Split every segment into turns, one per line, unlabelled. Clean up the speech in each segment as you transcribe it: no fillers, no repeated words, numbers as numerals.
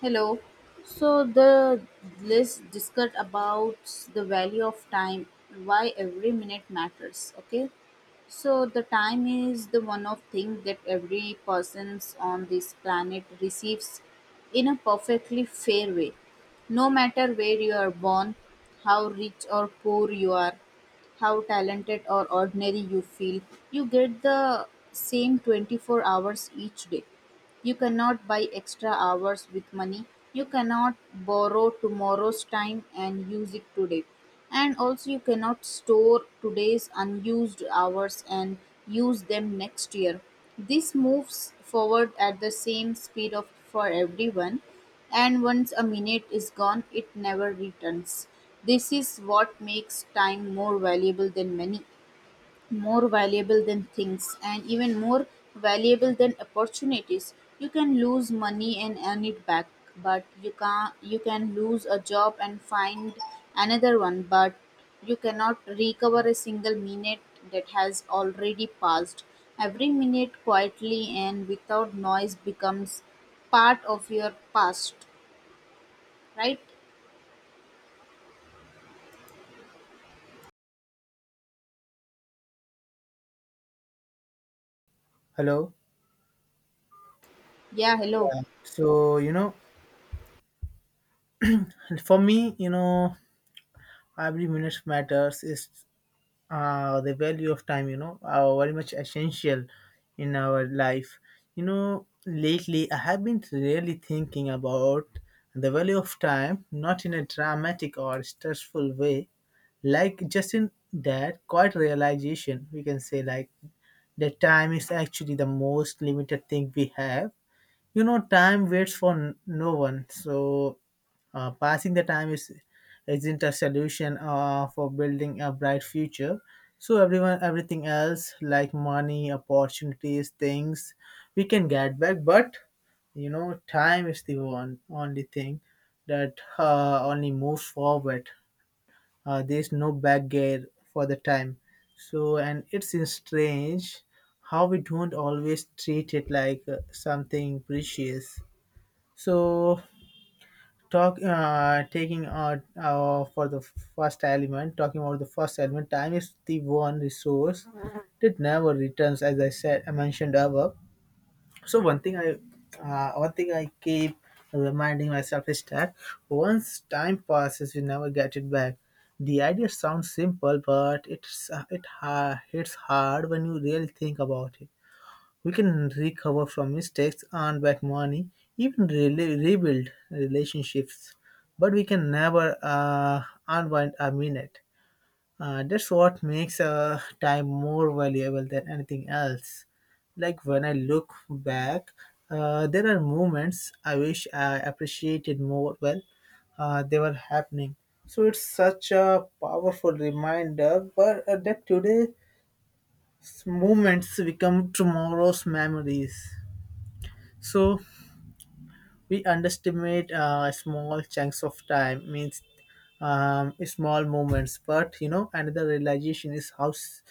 Hello. So the let's discuss about the value of time, why every minute matters. Okay. So the time is the one of thing that every persons on this planet receives in a perfectly fair way. No matter where you are born, how rich or poor you are, how talented or ordinary you feel, you get the same 24 hours each day. You cannot buy extra hours with money. You cannot borrow tomorrow's time and use it today. And also, you cannot store today's unused hours and use them next year. This moves forward at the same speed of for everyone, and once a minute is gone, it never returns. This is what makes time more valuable than money, more valuable than things, and even more valuable than opportunities. You can lose money and earn it back, but you can lose a job and find another one, but you cannot recover a single minute that has already passed. Every minute quietly and without noise becomes part of your past, right?
Hello.
Yeah. Hello.
Yeah. So for me, every minute matters. Is the value of time. You know, are very much essential in our life. You know, lately I have been really thinking about the value of time, not in a dramatic or stressful way, like just in that quiet realization. We can say like that time is actually the most limited thing we have. You know, time waits for no one. So passing the time is isn't a solution for building a bright future. So everyone everything else like money, opportunities, things we can get back, but you know, time is the one only thing that only moves forward. There's no back gear for the time. So, and it's strange how we don't always treat it like something precious. So, talk taking for the first element, talking about the first element, time is the one resource that never returns, as I said, I mentioned above. So, one thing I keep reminding myself is that once time passes, you never get it back. The idea sounds simple, but hits hard when you really think about it. We can recover from mistakes, earn back money, even rebuild relationships, but we can never unwind a minute. That's what makes time more valuable than anything else. Like when I look back, there are moments I wish I appreciated more well they were happening. So it's such a powerful reminder, but that today's moments become tomorrow's memories. So we underestimate small chunks of time means small moments. But you know, another realization is how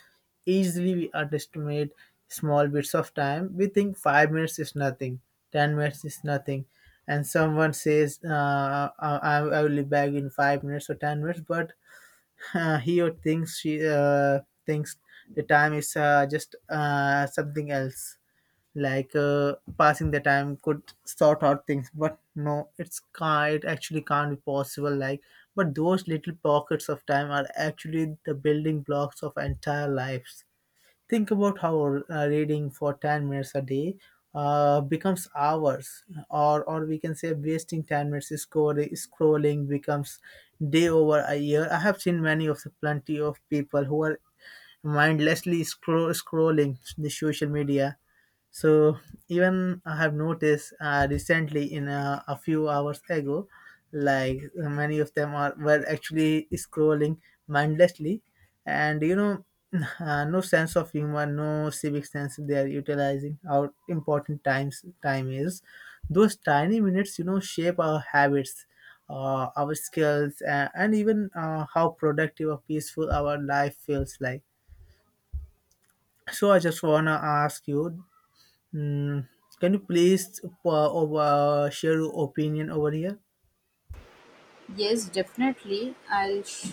easily we underestimate small bits of time. We think 5 minutes is nothing, 10 minutes is nothing, and someone says, "I will be back in 5 minutes or 10 minutes," but he or thinks she thinks the time is just something else, like passing the time could sort out things, but no, it's can't it actually can't be possible like. But those little pockets of time are actually the building blocks of entire lives. Think about how reading for 10 minutes a day becomes hours, or we can say wasting 10 minutes scrolling, scrolling becomes day over a year. I have seen many of the plenty of people who are mindlessly scrolling the social media. So even I have noticed recently, in a few hours ago, like many of them are were actually scrolling mindlessly, and you know, no sense of humor, no civic sense. They are utilizing how important time is. Those tiny minutes, you know, shape our habits, our skills, and even how productive or peaceful our life feels like. So I just wanna ask you, hmm, can you please share your opinion over here?
Yes, definitely. I'll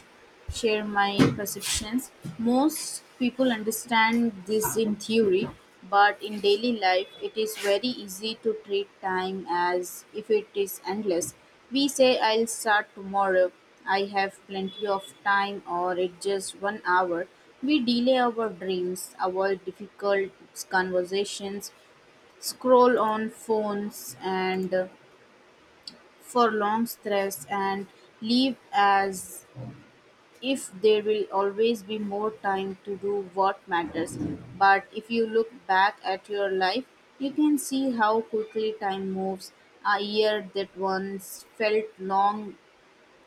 share my perceptions. Most people understand this in theory, but in daily life, it is very easy to treat time as if it is endless. We say, I'll start tomorrow, I have plenty of time, or it's just one hour. We delay our dreams, avoid difficult conversations, scroll on phones, and for long stress and leave as if there will always be more time to do what matters. But if you look back at your life, you can see how quickly time moves. A year that once felt long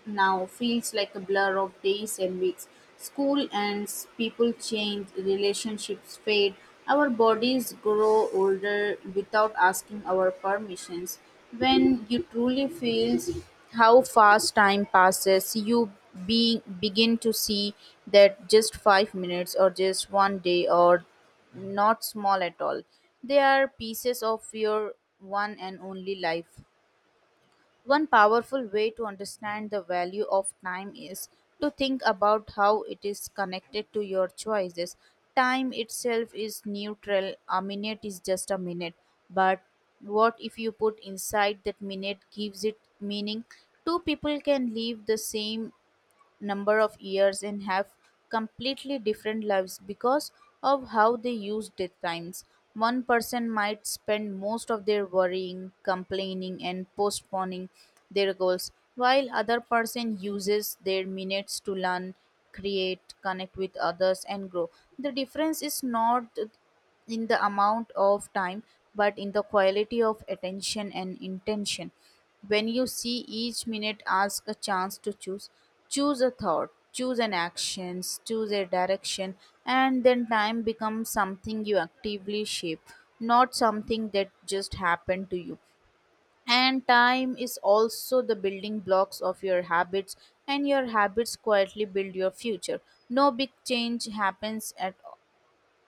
now feels like a blur of days and weeks. School ends, people change, relationships fade, our bodies grow older without asking our permissions. When you truly feel how fast time passes, you begin to see that just 5 minutes or just one day or not small at all. They are pieces of your one and only life. One powerful way to understand the value of time is to think about how it is connected to your choices. Time itself is neutral, a minute is just a minute. But what if you put inside that minute gives it meaning? Two people can live the same number of years and have completely different lives because of how they use their times. One person might spend most of their worrying, complaining, and postponing their goals, while other person uses their minutes to learn, create, connect with others, and grow. The difference is not in the amount of time but in the quality of attention and intention when you see each minute ask a chance to choose, choose a thought, choose an action, choose a direction, and then time becomes something you actively shape, not something that just happened to you. And time is also the building blocks of your habits, and your habits quietly build your future. No big change happens at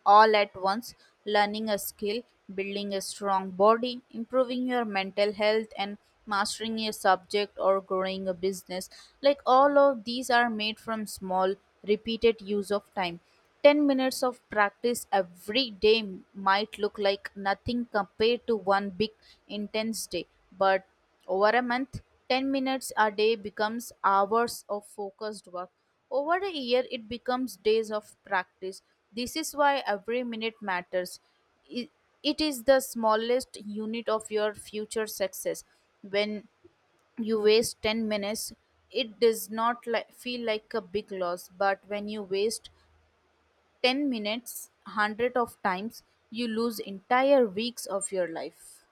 all at once. Learning a skill, building a strong body, improving your mental health, and mastering a subject or growing a business. Like all of these are made from small, repeated use of time. 10 minutes of practice every day might look like nothing compared to one big intense day, but over a month, 10 minutes a day becomes hours of focused work. Over a year, it becomes days of practice. This is why every minute matters. I- It is the smallest unit of your future success. When you waste 10 minutes, it does not feel like a big loss, but when you waste 10 minutes hundred of times, you lose entire weeks of your life.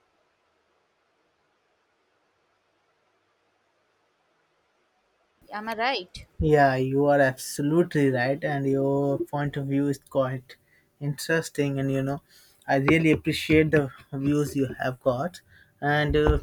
Am I right?
Yeah, you are absolutely right, and your point of view is quite interesting. And you know, I really appreciate the views you have got. And uh,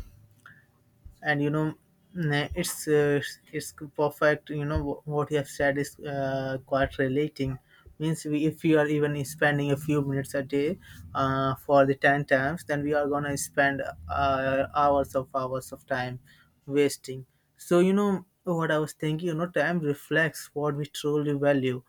and you know mm, it's It's perfect, you know, what you have said is quite relating. Means we, if we are even spending a few minutes a day for the 10 times, then we are gonna spend hours of time wasting. So you know what I was thinking, you know, time reflects what we truly value.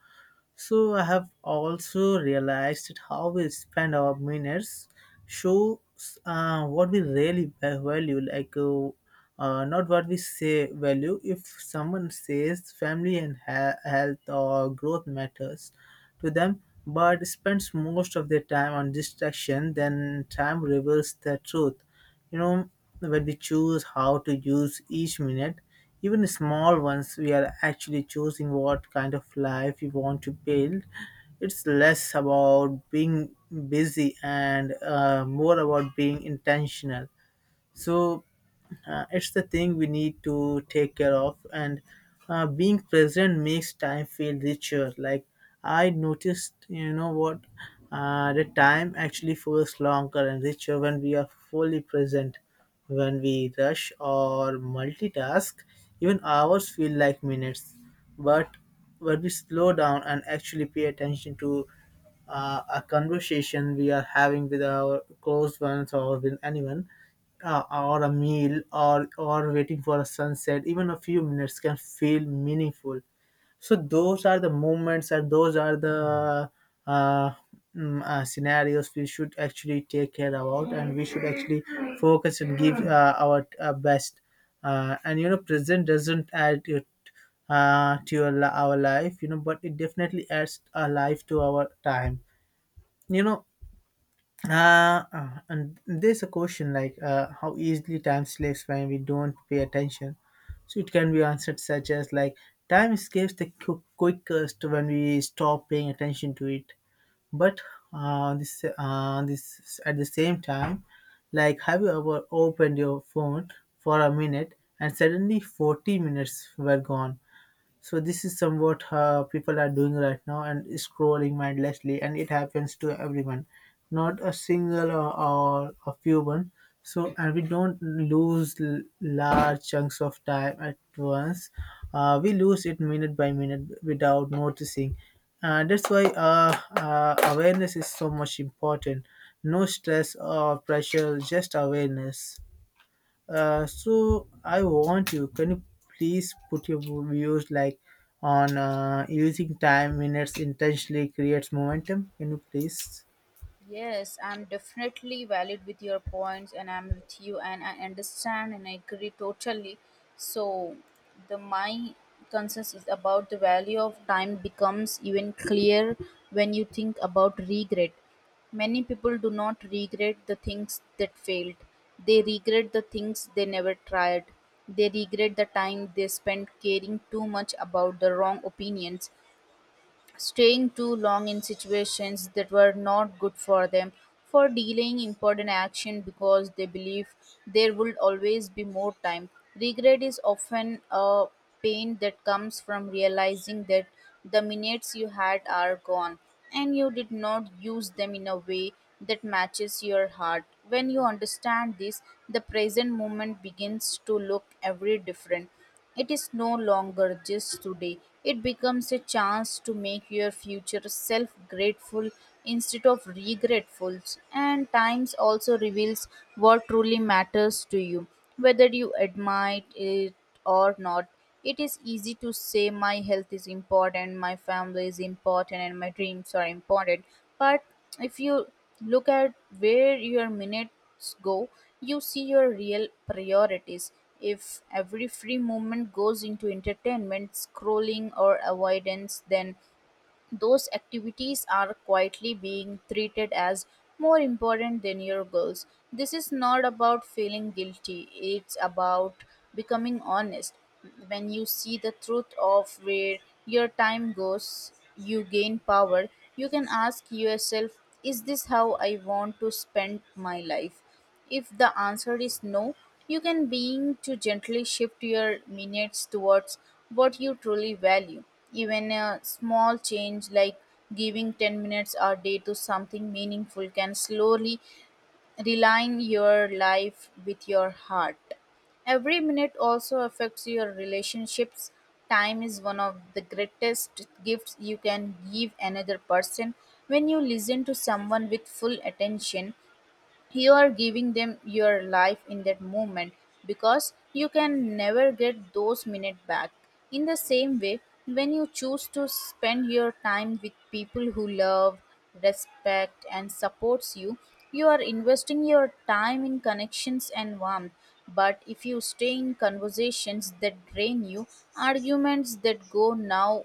So I have also realized that how we spend our minutes shows what we really value, like, not what we say value. If someone says family and health or growth matters to them, but spends most of their time on distraction, then time reveals the truth. You know, when we choose how to use each minute, even small ones, we are actually choosing what kind of life we want to build. It's less about being busy and more about being intentional. So it's the thing we need to take care of, and being present makes time feel richer. Like I noticed, you know what, the time actually feels longer and richer when we are fully present. When we rush or multitask, even hours feel like minutes. But when we slow down and actually pay attention to a conversation we are having with our close ones or with anyone, or a meal, or waiting for a sunset, even a few minutes can feel meaningful. So those are the moments, and those are the uh, scenarios we should actually take care about, and we should actually focus and give our best. And you know, present doesn't add it to our life, you know, but it definitely adds a life to our time. You know, and there's a question like how easily time slips when we don't pay attention. So it can be answered such as like time escapes the quickest when we stop paying attention to it. But this at the same time, like, have you ever opened your phone for a minute and suddenly 40 minutes were gone? So this is somewhat people are doing right now, and scrolling mindlessly, and it happens to everyone, not a single or a few one. So, and we don't lose large chunks of time at once. We lose it minute by minute without noticing. And that's why awareness is so much important. No stress or pressure, just awareness. So I want you. Can you please put your views like on using time minutes intentionally creates momentum? Can you please?
Yes, I'm definitely valid with your points, and I'm with you, and I understand and I agree totally. So, the my concerns is about the value of time becomes even clear when you think about regret. Many people do not regret the things that failed. They regret the things they never tried. They regret the time they spent caring too much about the wrong opinions, staying too long in situations that were not good for them, for delaying important action because they believe there would always be more time. Regret is often a pain that comes from realizing that the minutes you had are gone and you did not use them in a way that matches your heart. When you understand this, the present moment begins to look every different. It is no longer just today, it becomes a chance to make your future self grateful instead of regretful. And times also reveals what truly matters to you, whether you admire it or not. It is easy to say my health is important, my family is important, and my dreams are important. But if you look at where your minute go, you see your real priorities. If every free moment goes into entertainment, scrolling, or avoidance, then those activities are quietly being treated as more important than your goals. This is not about feeling guilty, it's about becoming honest. When you see the truth of where your time goes, you gain power. You can ask yourself, is this how I want to spend my life? If the answer is no, you can begin to gently shift your minutes towards what you truly value. Even a small change like giving 10 minutes a day to something meaningful can slowly realign your life with your heart. Every minute also affects your relationships. Time is one of the greatest gifts you can give another person. When you listen to someone with full attention, you are giving them your life in that moment because you can never get those minutes back. In the same way, when you choose to spend your time with people who love, respect, and supports you, you are investing your time in connections and warmth. But if you stay in conversations that drain you, arguments that go now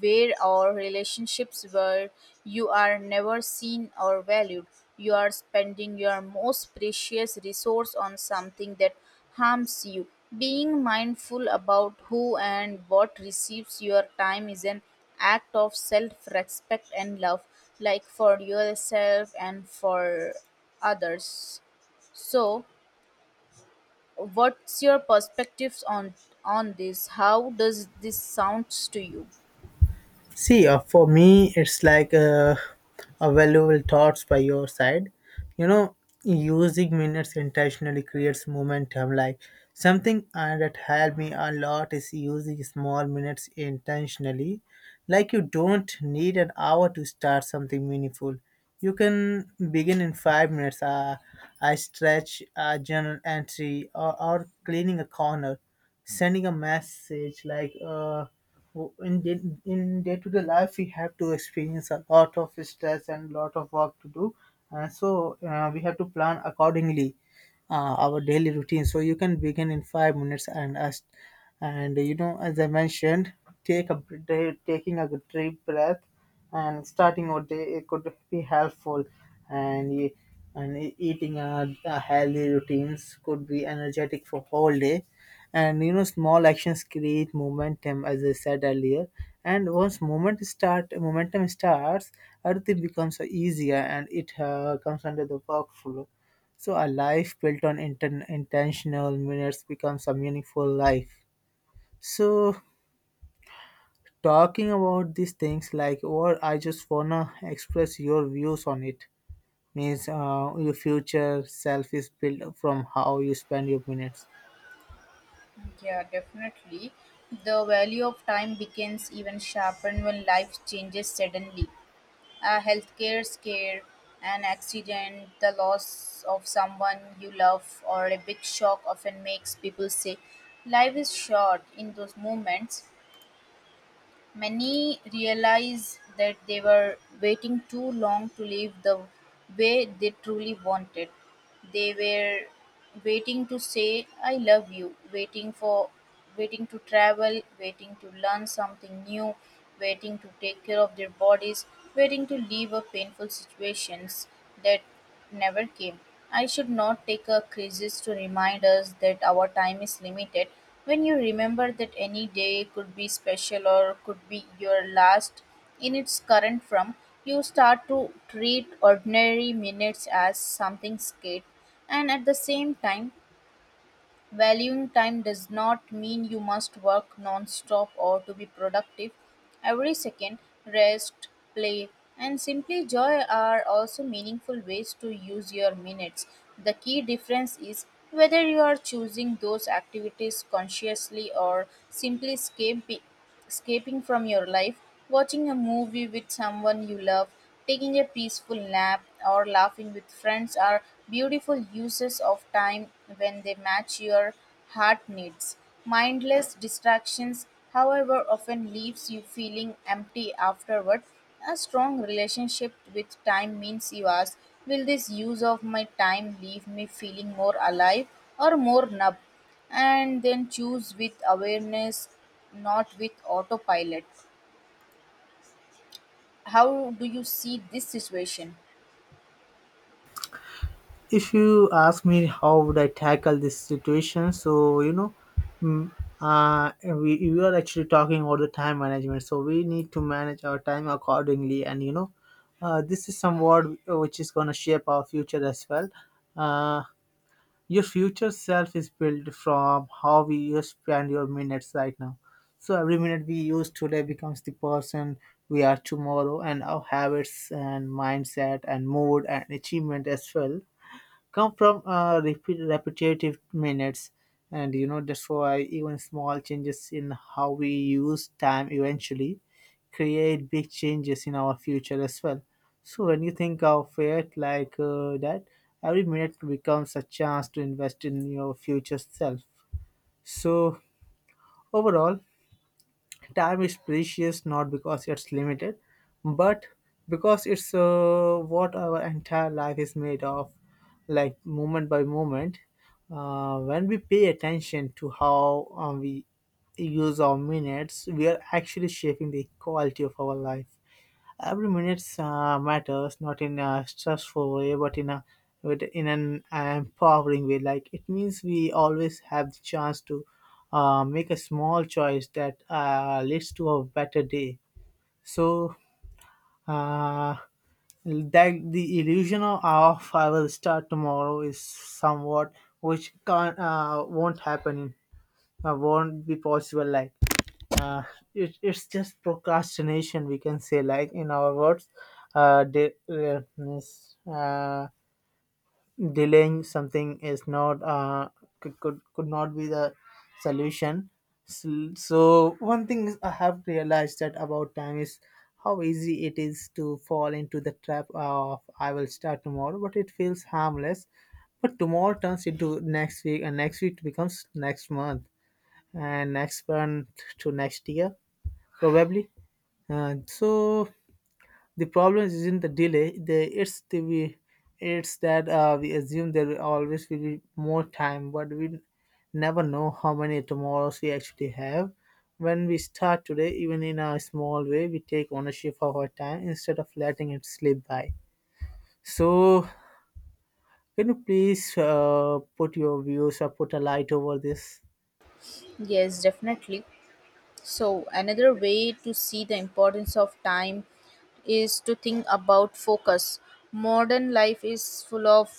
where or relationships where you are never seen or valued, you are spending your most precious resource on something that harms you. Being mindful about who and what receives your time is an act of self respect and love, like for yourself and for others. So, what's your perspectives on this? How does this sounds to you?
See, for me, it's like a valuable thoughts by your side. You know, using minutes intentionally creates momentum. Like something that helped me a lot is using small minutes intentionally. Like you don't need an hour to start something meaningful. You can begin in 5 minutes. I stretch a journal entry, or cleaning a corner, sending a message like. Uh, in day-to-day life we have to experience a lot of stress and lot of work to do, and so we have to plan accordingly our daily routine. So you can begin in 5 minutes, and us and you know, as I mentioned, take a br- day, taking a good deep breath and starting your day, it could be helpful. And e- and e- eating a healthy routines could be energetic for whole day. And you know, small actions create momentum, as I said earlier. And once moment start, momentum starts, everything becomes easier and it comes under the workflow. So a life built on intentional minutes becomes a meaningful life. So, talking about these things, like, or I just wanna express your views on it. Means your future self is built from how you spend your minutes.
Yeah, definitely. The value of time begins even sharpened when life changes suddenly. A healthcare scare, an accident, the loss of someone you love, or a big shock often makes people say, life is short in those moments. Many realized that they were waiting too long to live the way they truly wanted. They were waiting to say I love you, waiting to travel, waiting to learn something new, waiting to take care of their bodies, waiting to leave a painful situations that never came. I should not take a crisis to remind us that our time is limited. When you remember that any day could be special or could be your last in its current form, you start to treat ordinary minutes as something scared. And at the same time, valuing time does not mean you must work non-stop or to be productive. Every second, rest, play, and simply joy are also meaningful ways to use your minutes. The key difference is whether you are choosing those activities consciously or simply escaping from your life. Watching a movie with someone you love, taking a peaceful nap, or laughing with friends are beautiful uses of time when they match your heart needs. Mindless distractions, however, often leaves you feeling empty afterward. A strong relationship with time means you ask, will this use of my time leave me feeling more alive or more numb? And then choose with awareness, not with autopilot. How do you see this situation?
If you ask me how would I tackle this situation, so you know, mm, we are actually talking about the time management, so we need to manage our time accordingly. And you know, this is somewhat which is going to shape our future as well. uh, your future self is built from how we you spend your minutes right now. So every minute we use today becomes the person we are tomorrow, and our habits and mindset and mood and achievement as well come from repetitive minutes. And you know, that's why even small changes in how we use time eventually create big changes in our future as well. So when you think of it like that, every minute becomes a chance to invest in your future self. So, overall, time is precious not because it's limited, but because it's what our entire life is made of, like moment by moment. When we pay attention to how we use our minutes, we are actually shaping the quality of our life. Every minute matters, not in a stressful way, but in a but in an empowering way. Like it means we always have the chance to make a small choice that leads to a better day. So uh, that the illusion of "Oh, I will start tomorrow" is somewhat which can't won't happen, won't be possible, uh, it's just procrastination, we can say, like in our words. uh, de- uh, miss- uh, Delaying something is not could, could not be the solution. So one thing I have realized that about time is how easy it is to fall into the trap of "I will start tomorrow." But it feels harmless. But tomorrow turns into next week, and next week becomes next month, and expand to next year probably. So the problem isn't the delay, the it's the we it's that we assume there will always will be more time, but we never know how many tomorrows we actually have. When we start today, even in a small way, we take ownership of our time instead of letting it slip by. So, can you please put your views or put a light over this?
Yes, definitely. So, another way to see the importance of time is to think about focus. Modern life is full of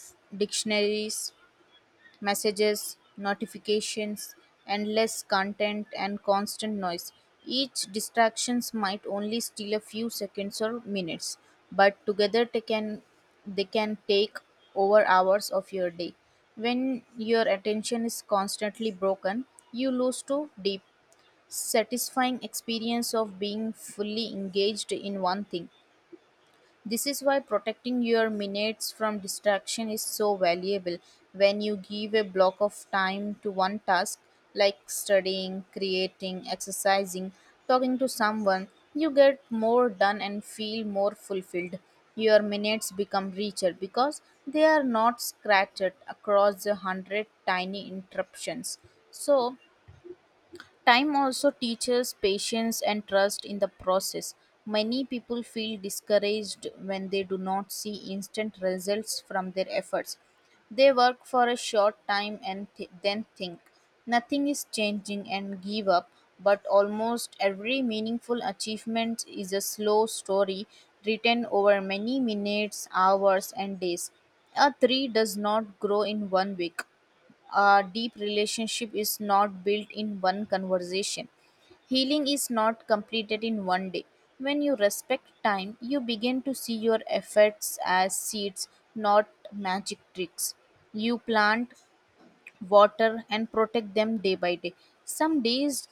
dictionaries, messages, notifications, endless content, and constant noise. Each distractions might only steal a few seconds or minutes, but together they can take over hours of your day. When your attention is constantly broken, you lose to deep, satisfying experience of being fully engaged in one thing. This is why protecting your minutes from distraction is so valuable. When you give a block of time to one task, like studying, creating, exercising, talking to someone, you get more done and feel more fulfilled. Your minutes become richer because they are not scattered across the hundred tiny interruptions. So, time also teaches patience and trust in the process. Many people feel discouraged when they do not see instant results from their efforts. They work for a short time and then think nothing is changing and give up, but almost every meaningful achievement is a slow story written over many minutes, hours, and days. A tree does not grow in one week. A deep relationship is not built in one conversation. Healing is not completed in one day. When you respect time, you begin to see your efforts as seeds, not magic tricks. You plant, water and protect them day by day. Some days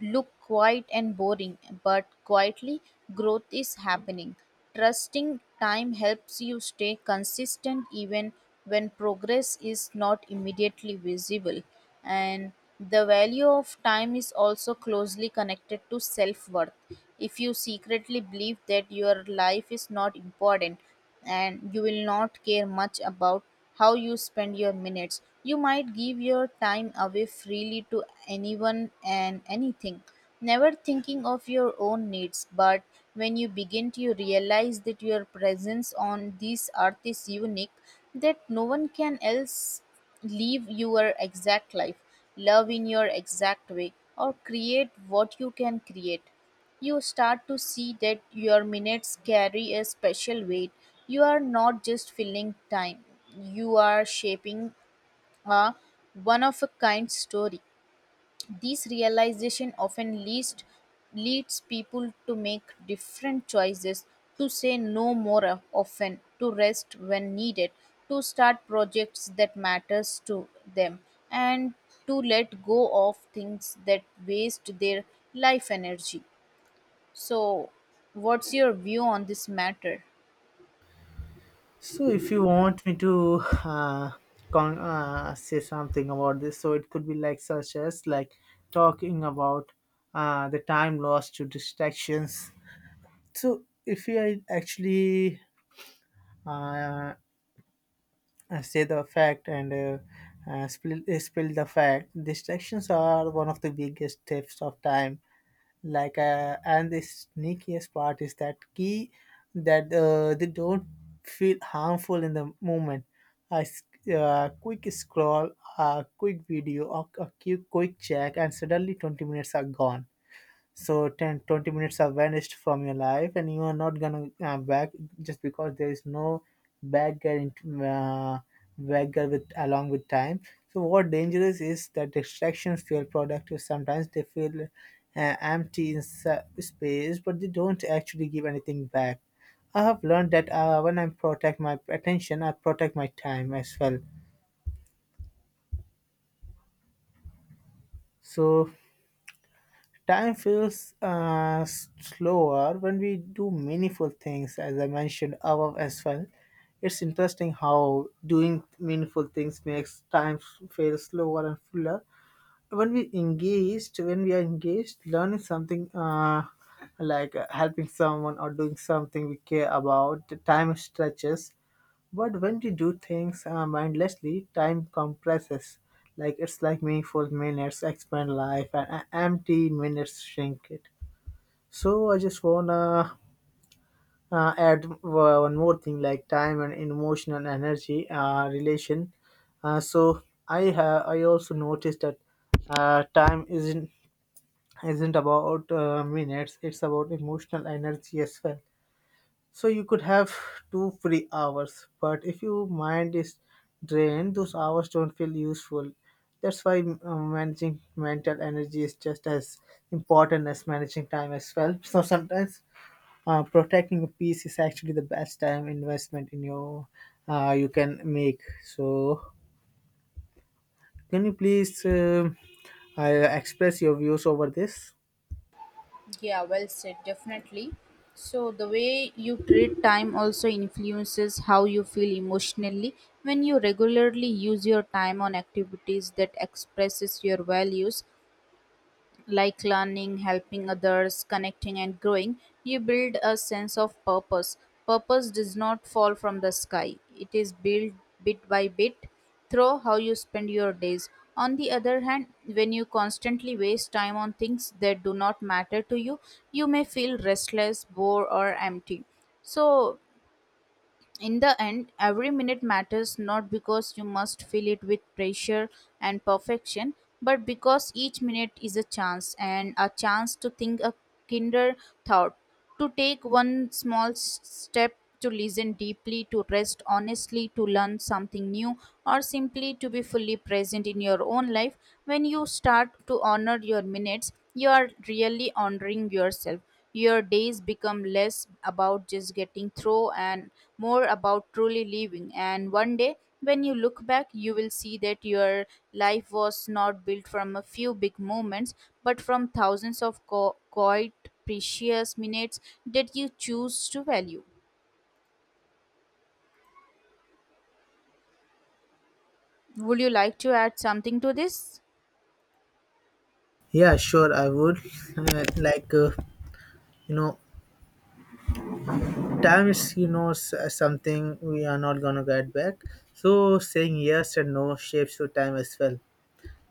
look quiet and boring, but quietly growth is happening. Trusting time helps you stay consistent even when progress is not immediately visible. And the value of time is also closely connected to self worth. If you secretly believe that your life is not important, and you will not care much about how you spend your minutes, you might give your time away freely to anyone and anything, never thinking of your own needs. But when you begin to realize that your presence on this earth is unique, that no one can else live your exact life, love in your exact way, or create what you can create, you start to see that your minutes carry a special weight. You are not just filling time, you are shaping a one of a kind story. This realization often leads people to make different choices, to say no more often, to rest when needed, to start projects that matters to them, and to let go of things that waste their life energy. So, what's your view on this matter?
So, if you want me to uh, say something about this, so it could be like, such as like, talking about the time lost to distractions. So, if we actually uh, say the fact and spill the fact, distractions are one of the biggest thefts of time. And the sneakiest part is that key that they don't feel harmful in the moment. A quick scroll, a quick video, or a quick check, and suddenly 20 minutes are gone. So 10, 20 minutes are vanished from your life and you are not gonna back, just because there is no bagger in, bagger with along with time. So what dangerous is that distractions feel productive. Sometimes they feel empty in s- space, but they don't actually give anything back. I have learned that when I protect my attention, I protect my time as well. So time feels slower when we do meaningful things, as I mentioned above as well. It's interesting how doing meaningful things makes time feel slower and fuller. When we are engaged, learning something, helping someone, or doing something we care about, the time stretches. But when we do things mindlessly, time compresses. Like, it's like meaningful minutes expand life and empty minutes shrink it. So I just wanna add one more thing, like time and emotional energy relation. So I also noticed that time isn't about minutes. It's about emotional energy as well. So you could have two free hours, but if your mind is drained, those hours don't feel useful. That's why managing mental energy is just as important as managing time as well. So sometimes protecting your peace is actually the best time investment in your you can make. So, can you please uh, express your views over this?
Yeah, well said, definitely. So, the way you treat time also influences how you feel emotionally. When you regularly use your time on activities that expresses your values, like learning, helping others, connecting, and growing, you build a sense of purpose. Purpose does not fall from the sky, it is built bit by bit through how you spend your days. On the other hand, when you constantly waste time on things that do not matter to you, you may feel restless, bored, or empty. So, in the end, every minute matters not because you must fill it with pressure and perfection, but because each minute is a chance, and a chance to think a kinder thought, to take one small step, to listen deeply, to rest honestly, to learn something new, or simply to be fully present in your own life. When you start to honor your minutes, you are really honoring yourself. Your days become less about just getting through and more about truly living. And one day, when you look back, you will see that your life was not built from a few big moments, but from thousands of quiet, precious minutes that you choose to value. Would you like to add something to this?
Yeah, sure, I would. Uh, like, uh, you know, Time is, you know, something we are not gonna get back. So saying yes and no shapes your time as well.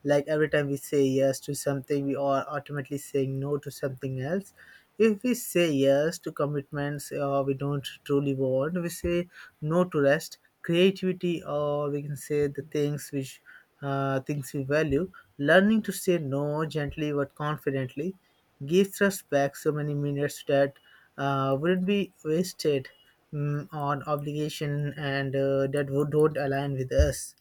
Like, every time we say yes to something, we are ultimately saying no to something else. If we say yes to commitments we don't truly want, we say no to rest, creativity, or we can say the things which things we value. Learning to say no gently but confidently gives us back so many minutes that wouldn't be wasted on obligation and that would, don't align with us.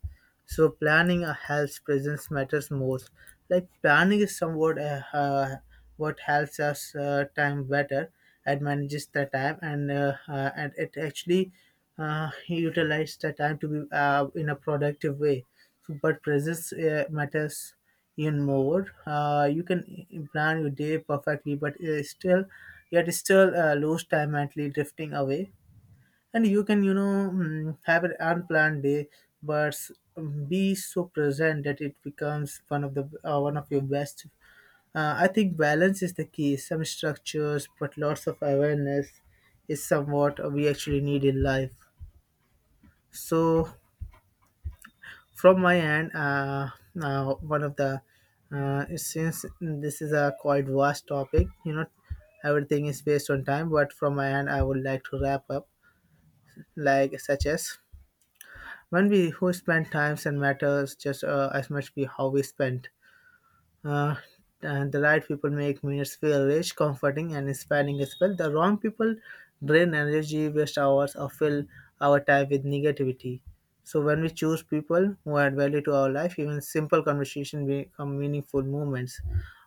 So planning helps presence matters most. Like, planning is somewhat what helps us time better and manages the time, and it actually utilizes the time to be in a productive way. So, but presence matters even more. You can plan your day perfectly, but yet still lose time mentally drifting away. And you can, you know, have an unplanned day but be so present that it becomes one of the one of your best. I think balance is the key. Some structures but lots of awareness is somewhat we actually need in life. So, from my end, now one of the since this is a quite vast topic, you know, everything is based on time. But from my end, I would like to wrap up, like, such as, when we who spend times and matters just, as much be how we spend. Uh, and the right people make minutes feel rich, comforting, and inspiring as well. The wrong people drain energy, waste hours, or fill our time with negativity. So when we choose people who add value to our life, even simple conversation become meaningful moments.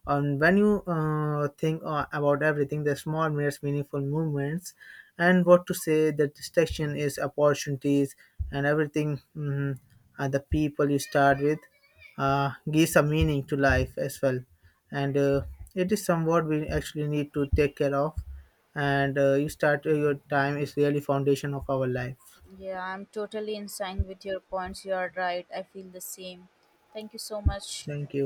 And when you think about everything, the small mirrors meaningful moments, and what to say, the distraction is opportunities, and everything. The people you start with gives a meaning to life as well, and it is somewhat we actually need to take care of. And you start your time is really foundation of our life.
Yeah, I'm totally in sync with your points. You are right. I feel the same. Thank you so much.
Thank you.